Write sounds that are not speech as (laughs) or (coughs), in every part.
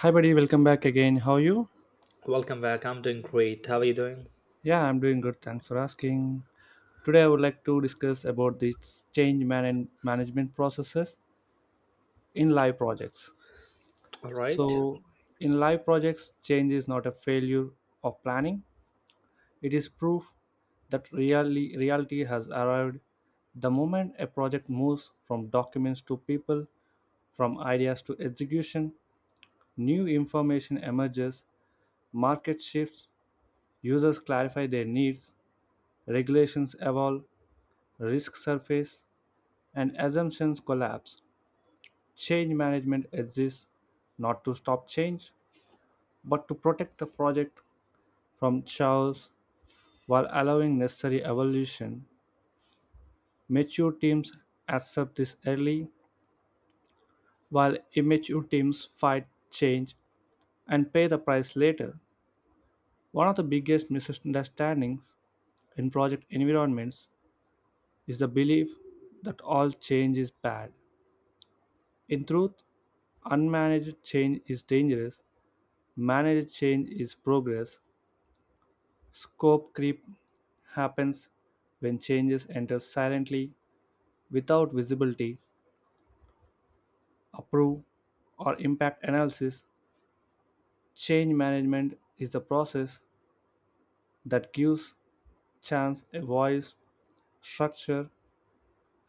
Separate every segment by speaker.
Speaker 1: Hi, buddy. Welcome back again. How are you?
Speaker 2: Welcome back. I'm doing great. How are you doing?
Speaker 1: Yeah, I'm doing good. Thanks for asking. Today, I would like to discuss about these change management processes in live projects.
Speaker 2: All right.
Speaker 1: So, in live projects, change is not a failure of planning. It is proof that reality has arrived. The moment a project moves from documents to people, from ideas to execution, new information emerges, market shifts, users clarify their needs, regulations evolve, risks surface, and assumptions collapse. Change management exists not to stop change, but to protect the project from chaos while allowing necessary evolution. Mature teams accept this early, while immature teams fight change and pay the price later. One of the biggest misunderstandings in project environments is the belief that all change is bad. In truth, unmanaged change is dangerous. Managed change is progress. Scope creep happens when changes enter silently without visibility, approve, or impact analysis. Change management is the process that gives chance a voice, structure,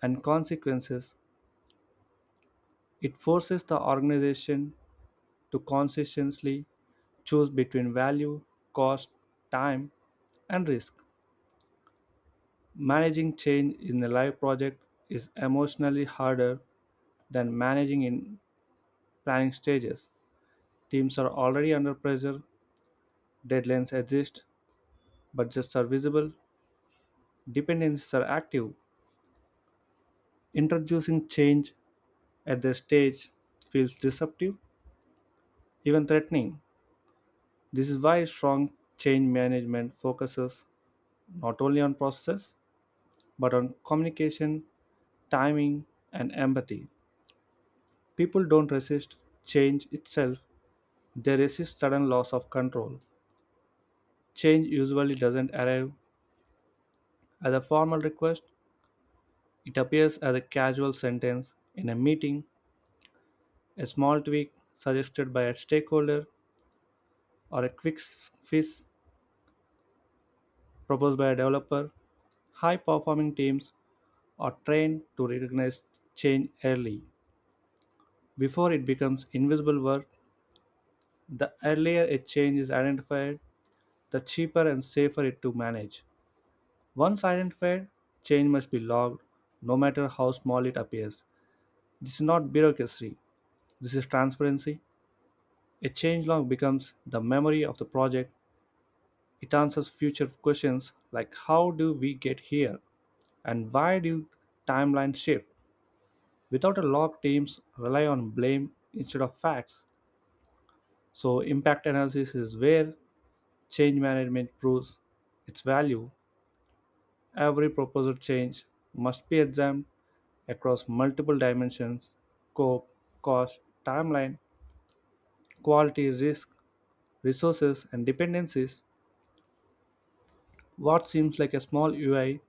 Speaker 1: and consequences. It forces the organization to consistently choose between value, cost, time, and risk. Managing change in a live project is emotionally harder than managing in planning stages. Teams are already under pressure, deadlines exist, budgets are visible, dependencies are active. Introducing change at this stage feels disruptive, even threatening. This is why strong change management focuses not only on processes but on communication, timing, and empathy. People don't resist change itself, they resist sudden loss of control. Change usually doesn't arrive as a formal request, it appears as a casual sentence in a meeting, a small tweak suggested by a stakeholder, or a quick fix proposed by a developer. High performing teams are trained to recognize change early. Before it becomes invisible work, the earlier a change is identified, the cheaper and safer it to manage. Once identified, change must be logged, no matter how small it appears. This is not bureaucracy, this is transparency. A change log becomes the memory of the project. It answers future questions like how do we get here and why do timelines shift? Without a log, teams rely on blame instead of facts. So, impact analysis is where change management proves its value. Every proposed change must be examined across multiple dimensions scope, cost, timeline, quality, risk, resources, and dependencies. What seems like a small UI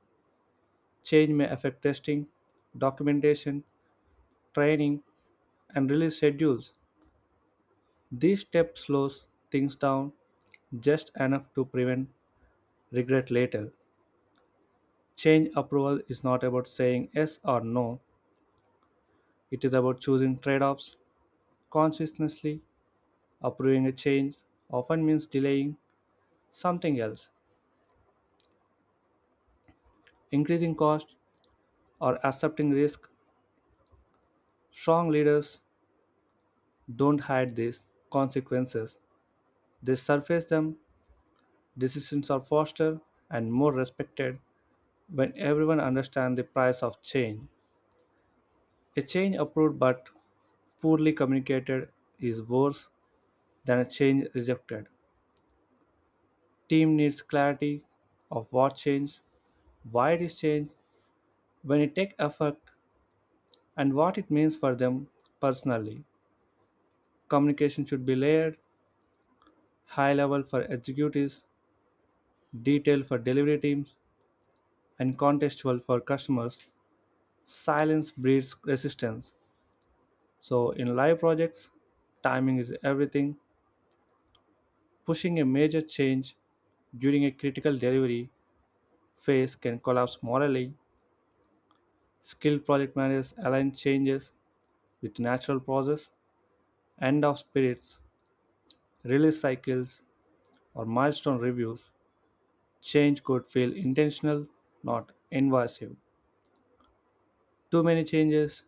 Speaker 1: change may affect testing, documentation, training, and release schedules. This step slows things down just enough to prevent regret later. Change approval is not about saying yes or no, it is about choosing trade offs consciously. Approving a change often means delaying something else, increasing cost, or accepting risk. Strong leaders don't hide these consequences. They surface them, decisions are faster and more respected when everyone understands the price of change. A change approved but poorly communicated is worse than a change rejected. Team needs clarity of what changed, why it is changed, when it takes effect, and what it means for them personally. Communication should be layered, high level for executives, detailed for delivery teams, and contextual for customers, silence breeds resistance. So, in live projects, timing is everything. Pushing a major change during a critical delivery phase can collapse morally. Skilled project managers align changes with natural process, end of sprints release cycles, or milestone reviews. Change could feel intentional, not invasive. Too many changes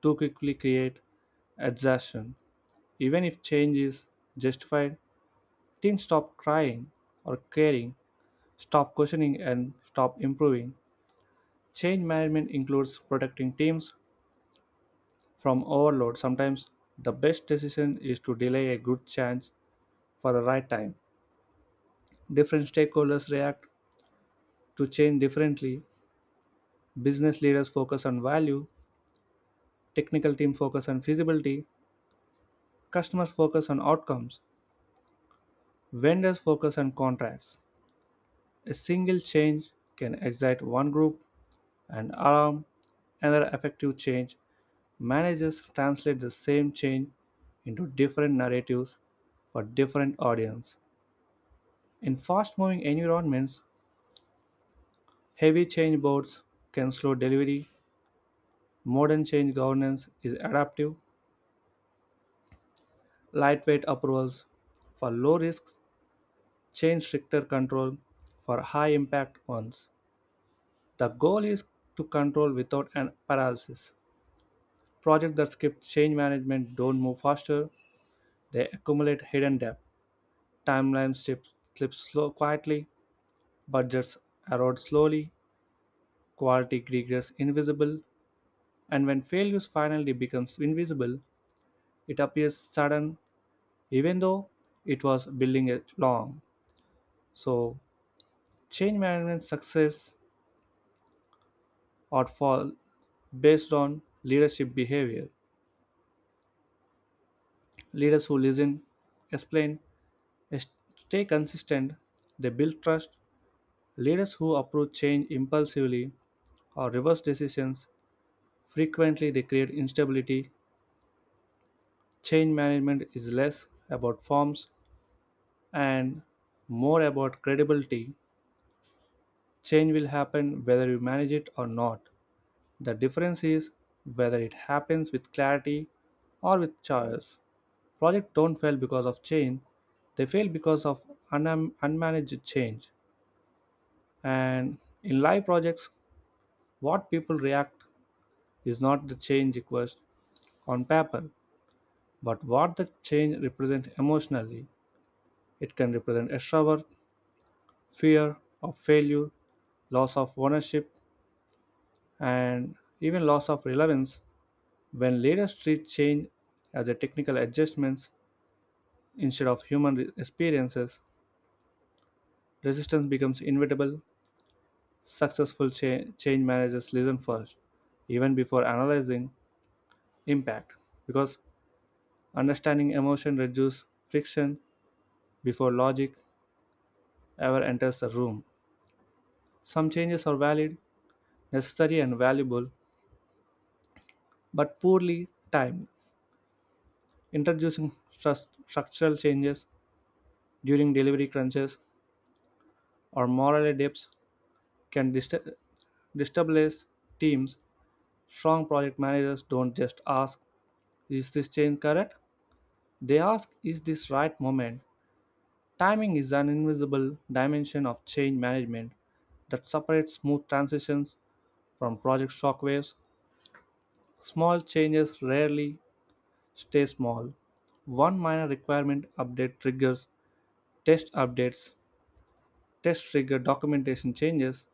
Speaker 1: too quickly create exhaustion. Even if change is justified, teens stop crying or caring, stop questioning, and stop improving. Change management includes protecting teams from overload. Sometimes the best decision is to delay a good change for the right time. Different stakeholders react to change differently. Business leaders focus on value, technical team focus on feasibility, customers focus on outcomes, vendors focus on contracts. A single change can excite one group and alarm another effective change. Managers translate the same change into different narratives for different audiences. In fast-moving environments, heavy change boards can slow delivery. Modern change governance is adaptive. Lightweight approvals for low risks, change stricter control for high impact ones. The goal is to control without an paralysis. Projects that skip change management don't move faster, they accumulate hidden debt. Timelines slip slow, quietly, budgets erode slowly, quality regress invisible, and when failures finally becomes invisible, it appears sudden even though it was building it long. So change management success or fall based on leadership behavior. Leaders who listen, explain, stay consistent, they build trust. Leaders who approach change impulsively or reverse decisions frequently they create instability. Change management is less about forms and more about credibility. Change will happen whether you manage it or not. The difference is whether it happens with clarity or with choice. Projects don't fail because of change, they fail because of un- unmanaged change. And in live projects, what people react is not the change request, on paper, but what the change represents emotionally. It can represent extra work, fear of failure, loss of ownership, and even loss of relevance. When leaders treat change as a technical adjustments instead of human experiences, resistance becomes inevitable. Successful change managers listen first, even before analyzing impact, because understanding emotion reduces friction before logic ever enters the room. Some changes are valid, necessary, and valuable, but poorly timed. Introducing structural changes during delivery crunches or morale dips can destabilize teams. Strong project managers don't just ask, is this change correct? They ask, is this right moment? Timing is an invisible dimension of change management that separates smooth transitions from project shockwaves. Small changes rarely stay small. One minor requirement update triggers test updates, test trigger documentation changes,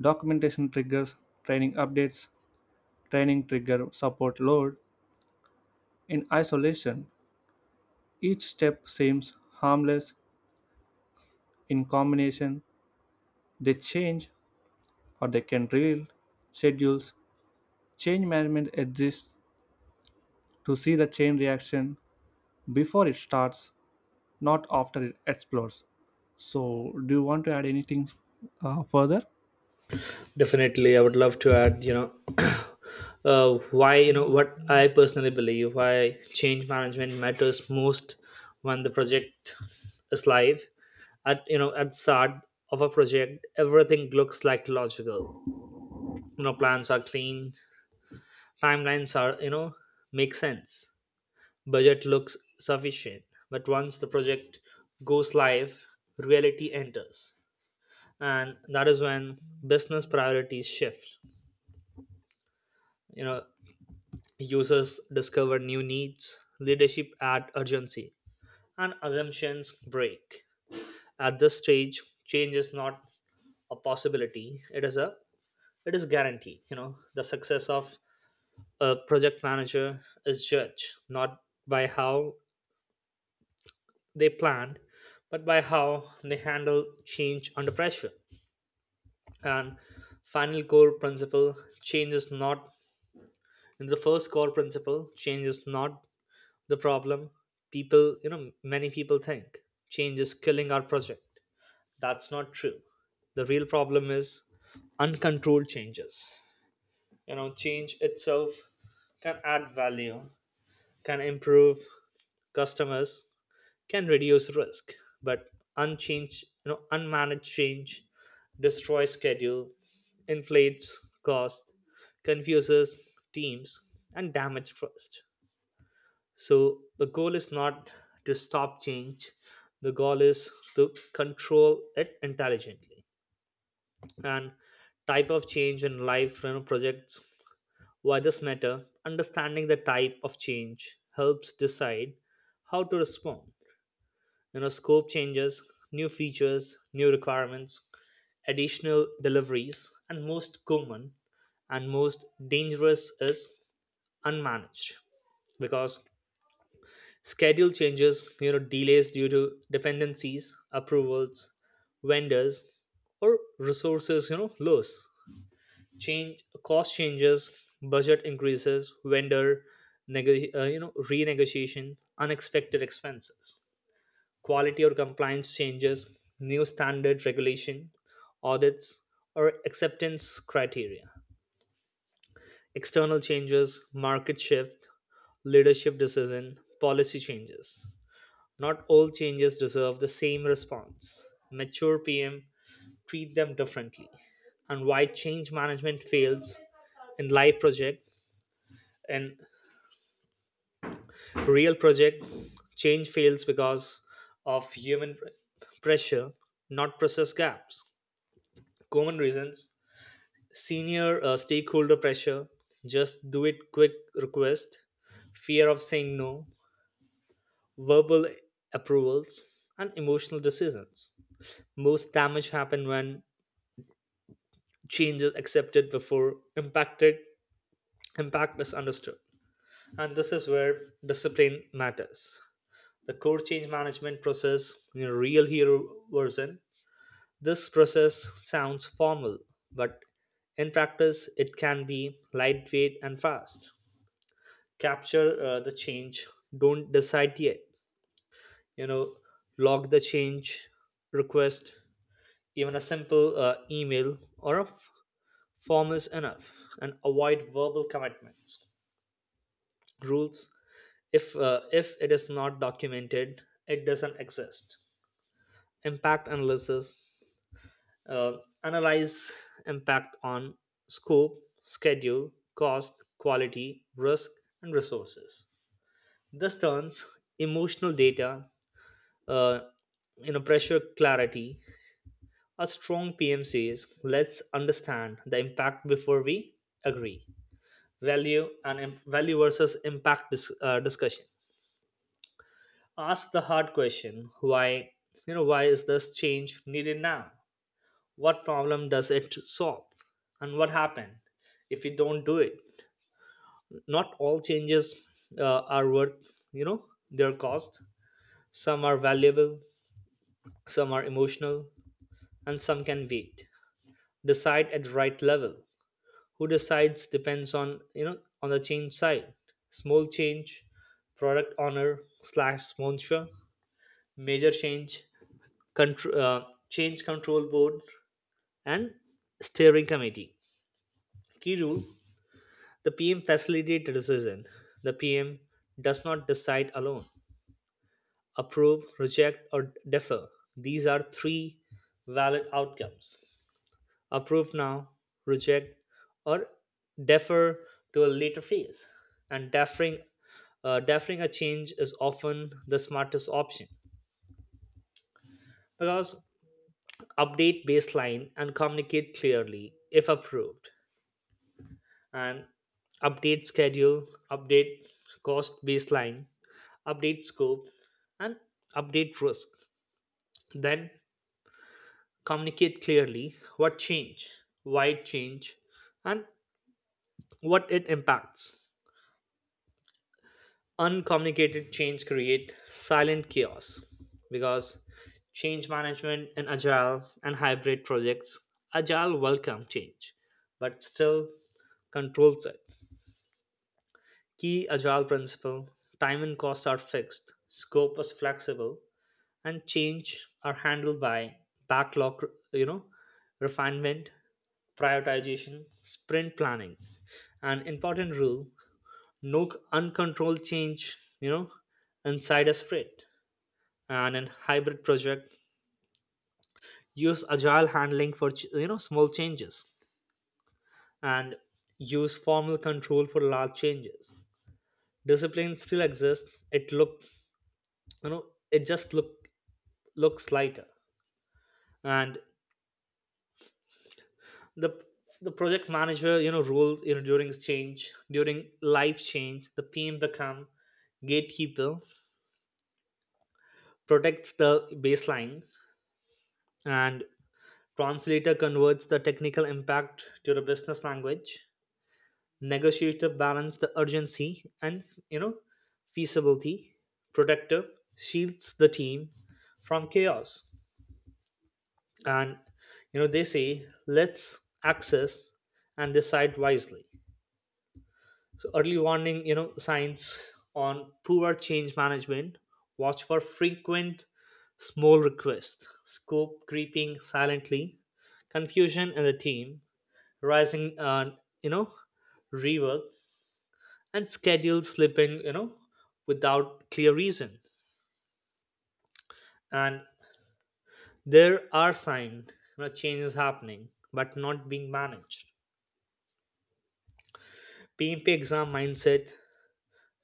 Speaker 1: documentation triggers training updates, training trigger support load. In isolation, each step seems harmless. In combination, they change or they can derail schedules. Change management exists to see the chain reaction before it starts, not after it explodes. So, do you want to add anything further?
Speaker 2: Definitely, I would love to add, (coughs) (clears throat) what I personally believe why change management matters most when the project is live. At start of a project, everything looks like logical. You know, plans are clean, timelines are, make sense. Budget looks sufficient. But once the project goes live, reality enters, and that is when business priorities shift, you know, users discover new needs, leadership add urgency, and assumptions break. At this stage, change is not a possibility, it is guarantee. You know, the success of a project manager is judged not by how they planned, but by how they handle change under pressure. and final core principle change is not And the first core principle, change is not the problem. People, many people think change is killing our project. That's not true. The real problem is uncontrolled changes. You know, change itself can add value, can improve customers, can reduce risk. But unmanaged change destroys schedule, inflates cost, confuses teams, and damage trust. So the goal is not to stop change. The goal is to control it intelligently. And type of change in life, projects, why this matter. Understanding the type of change helps decide how to respond. You know, scope changes, new features, new requirements, additional deliveries, and most common and most dangerous is unmanaged. Because schedule changes, you know, delays due to dependencies, approvals, vendors, or resources, you know, loss, change, cost changes, budget increases, vendor renegotiation, unexpected expenses, quality or compliance changes, new standard regulation, audits, or acceptance criteria, external changes, market shift, leadership decision, policy changes. Not all changes deserve the same response. Mature PM treat them differently. And why change management fails in live projects. In real project, change fails because of pressure, not process gaps. Common reasons: senior stakeholder pressure, just do it quick request, fear of saying no, verbal approvals, and emotional decisions. Most damage happen when change is accepted before impact is understood, and this is where discipline matters. The core change management process in a real hero version. This process sounds formal, but in practice it can be lightweight and fast. Capture the change, don't decide yet. You know, log the change request. Even a simple email or a form is enough, and avoid verbal commitments. Rules: if it is not documented, it doesn't exist. Impact analysis: uh, analyze impact on scope, schedule, cost, quality, risk, and resources. This turns emotional data uh, in a pressure clarity. A strong pmc is, let's understand the impact before we agree. Value versus impact discussion. Ask the hard question why. You know, why is this change needed now? What problem does it solve? And what happened if we don't do it? Not all changes are worth, you know, their cost. Some are valuable, some are emotional, and some can wait. Decide at the right level. Who decides depends on, you know, on the change side. Small change, product owner slash sponsor. Major change, change control board, and steering committee. Key rule: the PM facilitates decision. The PM does not decide alone. Approve, reject, or defer. These are three valid outcomes. Approve now, reject, or defer to a later phase. And deferring a change is often the smartest option. Because update baseline and communicate clearly if approved, and update schedule, update cost baseline, update scope, and update risk. Then communicate clearly what change, why it change, and what it impacts. Uncommunicated change create silent chaos. Because change management in agile and hybrid projects, agile welcome change, but still controls it. Key agile principle: time and cost are fixed, scope is flexible, and change are handled by backlog, you know, refinement, prioritization, sprint planning. An important rule: no uncontrolled change, you know, inside a sprint. And in hybrid project, use agile handling for, you know, small changes, and use formal control for large changes. Discipline still exists. It look, you know, it just looks lighter. And the the project manager, you know, rules, you know, during change, during life change, the pm become gatekeeper, protects the baselines, and translator, converts the technical impact to the business language, negotiator, balance the urgency and, you know, feasibility, protector, shields the team from chaos, and, you know, they say let's access and decide wisely. So early warning, you know, signs on poor change management: watch for frequent small requests, scope creeping silently, confusion in the team, rising you know rework, and schedule slipping, you know, without clear reason. And there are signs, you know, changes happening but not being managed. PMP exam mindset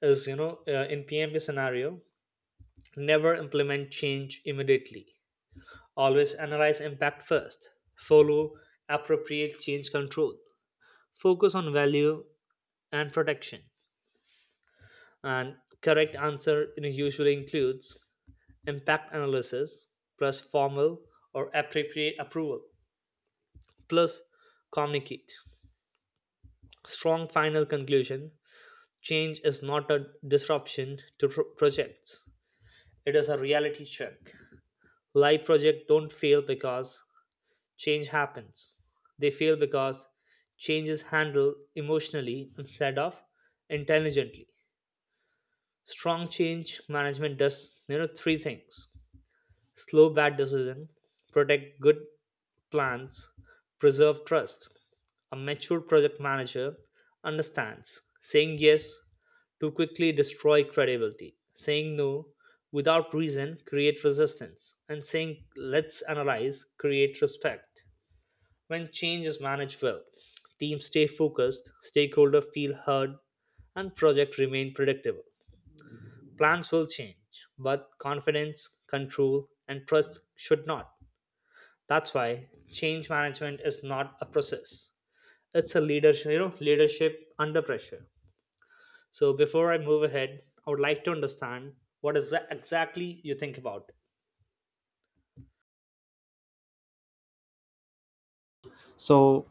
Speaker 2: is, in PMP scenario, never implement change immediately. Always analyze impact first. Follow appropriate change control. Focus on value and protection. And correct answer, you know, usually includes impact analysis plus formal or appropriate approval plus communicate. Strong final conclusion: change is not a disruption to projects. It is a reality check. Live projects don't fail because change happens. They fail because change is handled emotionally instead of intelligently. Strong change management does, you know, three things. Slow bad decision, protect good plans, preserve trust. A mature project manager understands saying yes too quickly destroy credibility. Saying no without reason create resistance, and saying let's analyze create respect. When change is managed well, teams stay focused, stakeholders feel heard, and project remain predictable. Plans will change, but confidence, control and trust should not. That's why change management is not a process. It's a leadership, leadership under pressure. So before I move ahead, I would like to understand what is that exactly you think about.
Speaker 1: So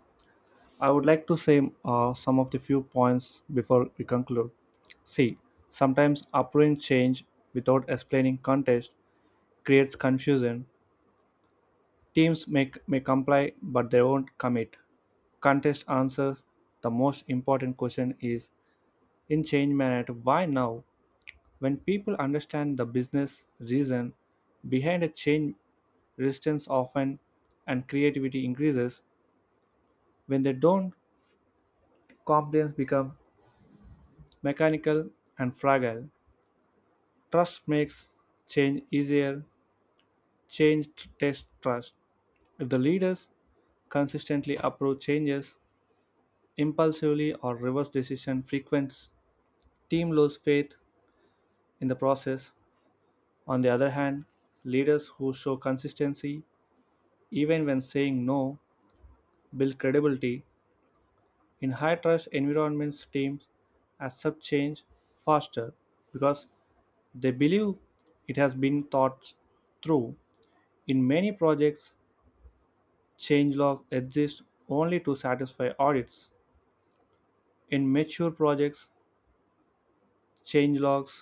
Speaker 1: I would like to say some of the few points before we conclude. See, sometimes approving change without explaining context creates confusion. Teams may comply, but they won't commit. Context answers the most important question is in change management why now? When people understand the business reason behind a change, resistance often and creativity increases. When they don't, compliance becomes mechanical, and fragile. Trust makes change easier. Change tests trust. If the leaders consistently approve changes impulsively or reverse decision frequents, team lose faith in the process. On the other hand, leaders who show consistency, even when saying no, build credibility. In high trust environments, teams accept change faster because they believe it has been thought through. In many projects, changelog exist only to satisfy audits. In mature projects, changelogs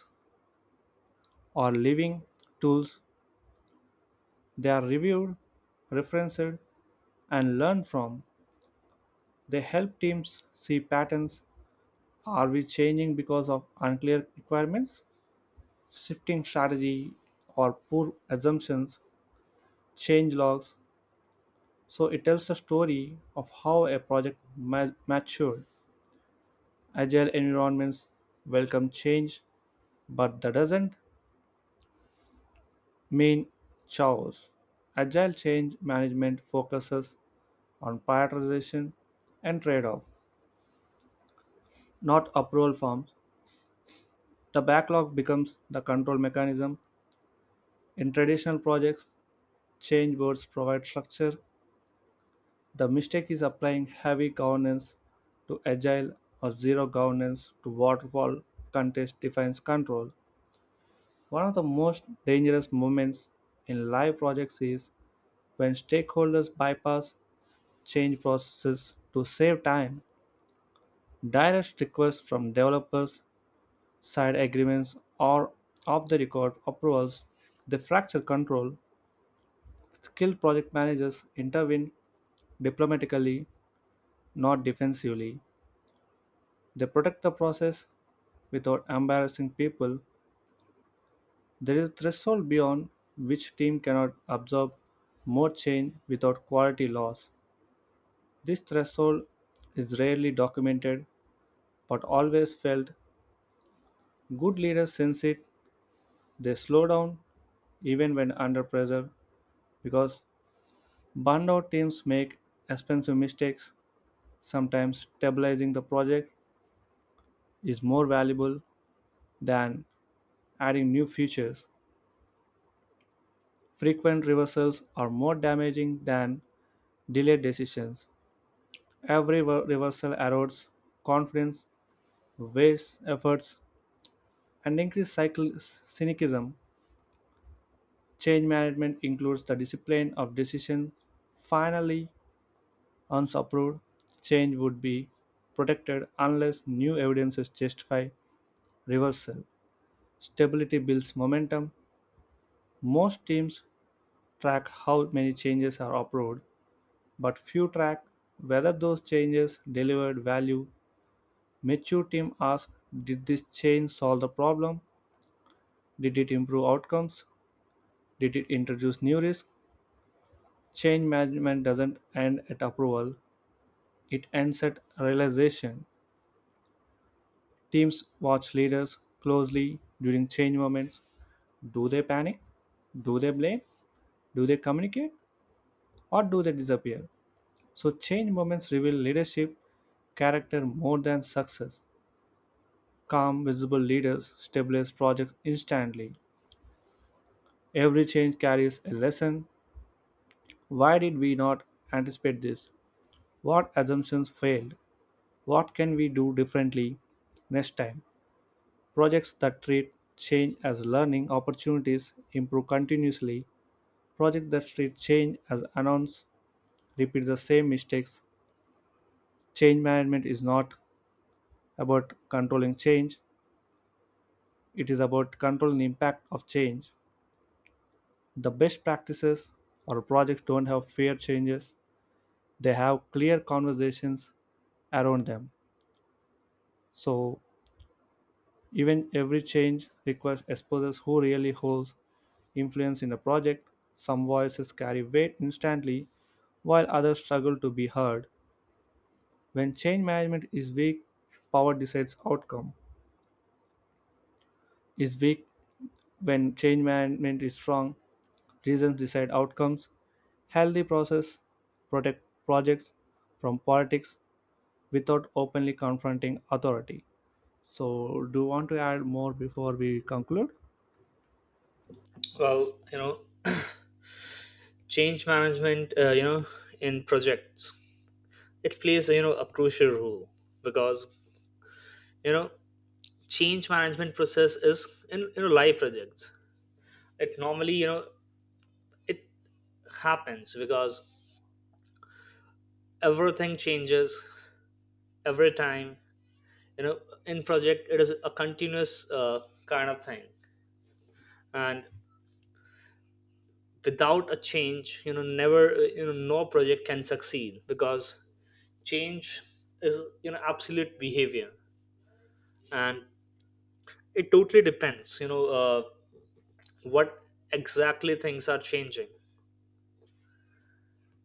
Speaker 1: are living tools. They are reviewed, referenced, and learned from. They help teams see patterns. Are we changing because of unclear requirements, shifting strategy, or poor assumptions? Changelogs. So it tells the story of how a project matured. Agile environments welcome change but that doesn't mean chaos. Agile change management focuses on prioritization and trade off, not approval forms. The backlog becomes the control mechanism. In traditional projects, change boards provide structure. The mistake is applying heavy governance to agile or zero governance to waterfall contest defines control. One of the most dangerous moments in live projects is when stakeholders bypass change processes to save time. Direct requests from developers, side agreements, or off the record approvals, they fracture control. Skilled project managers intervene diplomatically, not defensively. They protect the process without embarrassing people. There is a threshold beyond which team cannot absorb more change without quality loss. This threshold is rarely documented but always felt. Good leaders sense it. They slow down even when under pressure because burned out teams make expensive mistakes. Sometimes stabilizing the project is more valuable than adding new features. Frequent reversals are more damaging than delayed decisions. Every reversal erodes confidence, wastes efforts, and increases cynicism. Change management includes the discipline of decision. Finally, once approved, change would be protected unless new evidences justify reversal. Stability builds momentum. Most teams track how many changes are approved, but few track whether those changes delivered value. Mature team ask, did this change solve the problem? Did it improve outcomes? Did it introduce new risk? Change management doesn't end at approval, it ends at realization. Teams watch leaders closely during change moments. Do they panic? Do they blame? Do they communicate? Or do they disappear? So, change moments reveal leadership character more than success. Calm, visible leaders stabilize projects instantly. Every change carries a lesson. Why did we not anticipate this? What assumptions failed? What can we do differently next time? Projects that treat change as learning opportunities improve continuously. Projects that treat change as announced repeat the same mistakes. Change management is not about controlling change, it is about controlling the impact of change. The best practices or projects don't have fear changes, they have clear conversations around them. So, even every change request exposes who really holds influence in a project. Some voices carry weight instantly, while others struggle to be heard. When change management is weak, power decides outcome. Is weak when change management is strong, reasons decide outcomes. Healthy process protect projects from politics without openly confronting authority. So, do you want to add more before we conclude?
Speaker 2: Well, you know, change management, in projects, it plays, you know, a crucial role. Because, you know, change management process is in, you know, live projects. It normally, you know, it happens because everything changes every time, you know, in project. It is a continuous kind of thing. And without a change, you know, no project can succeed. Because change is, you know, absolute behavior. And it totally depends, you know, what exactly things are changing.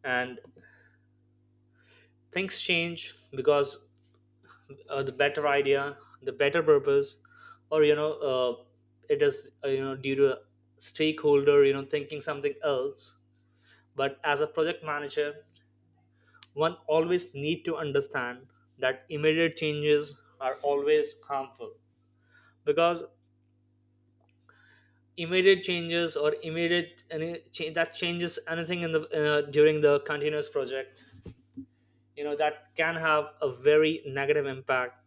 Speaker 2: And things change because, the better idea, the better purpose, or, you know, it is you know, due to a stakeholder, you know, thinking something else. But as a project manager, one always need to understand that immediate changes are always harmful. Because immediate changes, or immediate any change that changes anything in the during the continuous project, you know, that can have a very negative impact.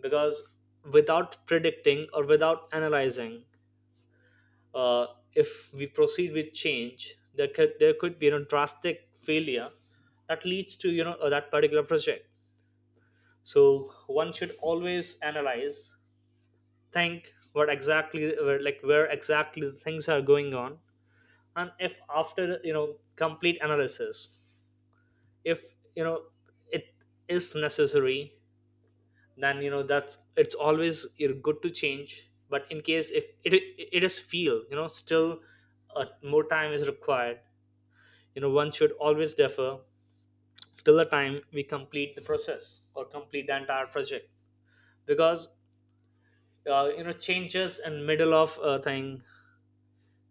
Speaker 2: Because without predicting or without analyzing, uh, if we proceed with change, there could be, you know, drastic failure that leads to, you know, that particular project. So one should always analyze, think what exactly, where exactly things are going on. And if after, you know, complete analysis, if, you know, it is necessary, then, you know, that's it's always you're good to change. But in case if it is feel, you know, still, more time is required, you know, one should always defer till the time we complete the process or complete the entire project. Because, you know, changes in middle of a thing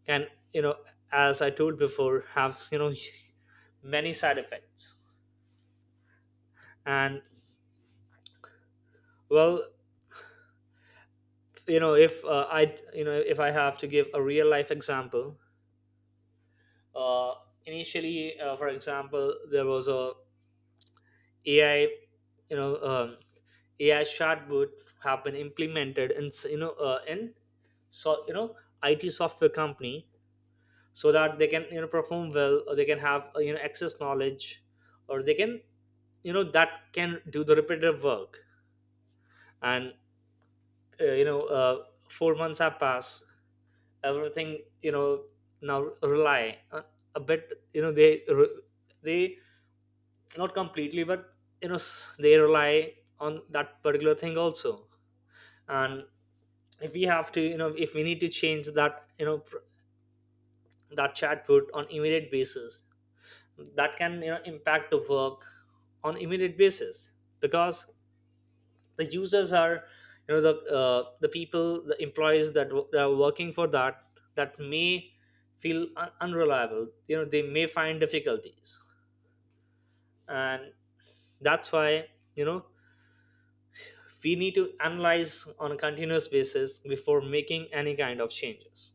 Speaker 2: can, you know, as I told before, have, you know, (laughs) many side effects. And well, you know, if I have to give a real life example, uh, initially, for example, there was a ai, you know um, AI chatbot have been implemented in in, so you know, it software company. So that they can, you know, perform well, or they can have, you know, excess knowledge, or they can, you know, that can do the repetitive work. And, uh, you know uh, 4 months have passed, everything, you know, now rely on a bit, you know, they, not completely, but, you know, they rely on that particular thing also. And if we have to, you know, if we need to change that, you know, that chatbot on immediate basis, that can, you know, impact the work on immediate basis. Because the users are, you know, the, the people, the employees that, that are working for that, that may feel unreliable, you know, they may find difficulties. And that's why, you know, we need to analyze on a continuous basis before making any kind of changes.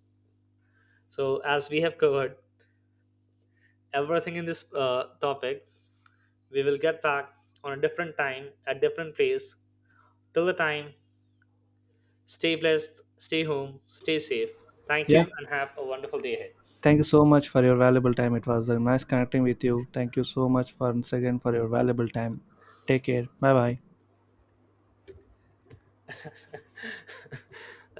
Speaker 2: So as we have covered everything in this topic, we will get back on a different time at different place. Till the time, stay blessed, stay home, stay safe. Thank
Speaker 1: Yeah.
Speaker 2: you, and have a wonderful day ahead.
Speaker 1: Thank you so much for your valuable time. It was nice connecting with you. Thank you so much once again for your valuable time. Take care. Bye bye.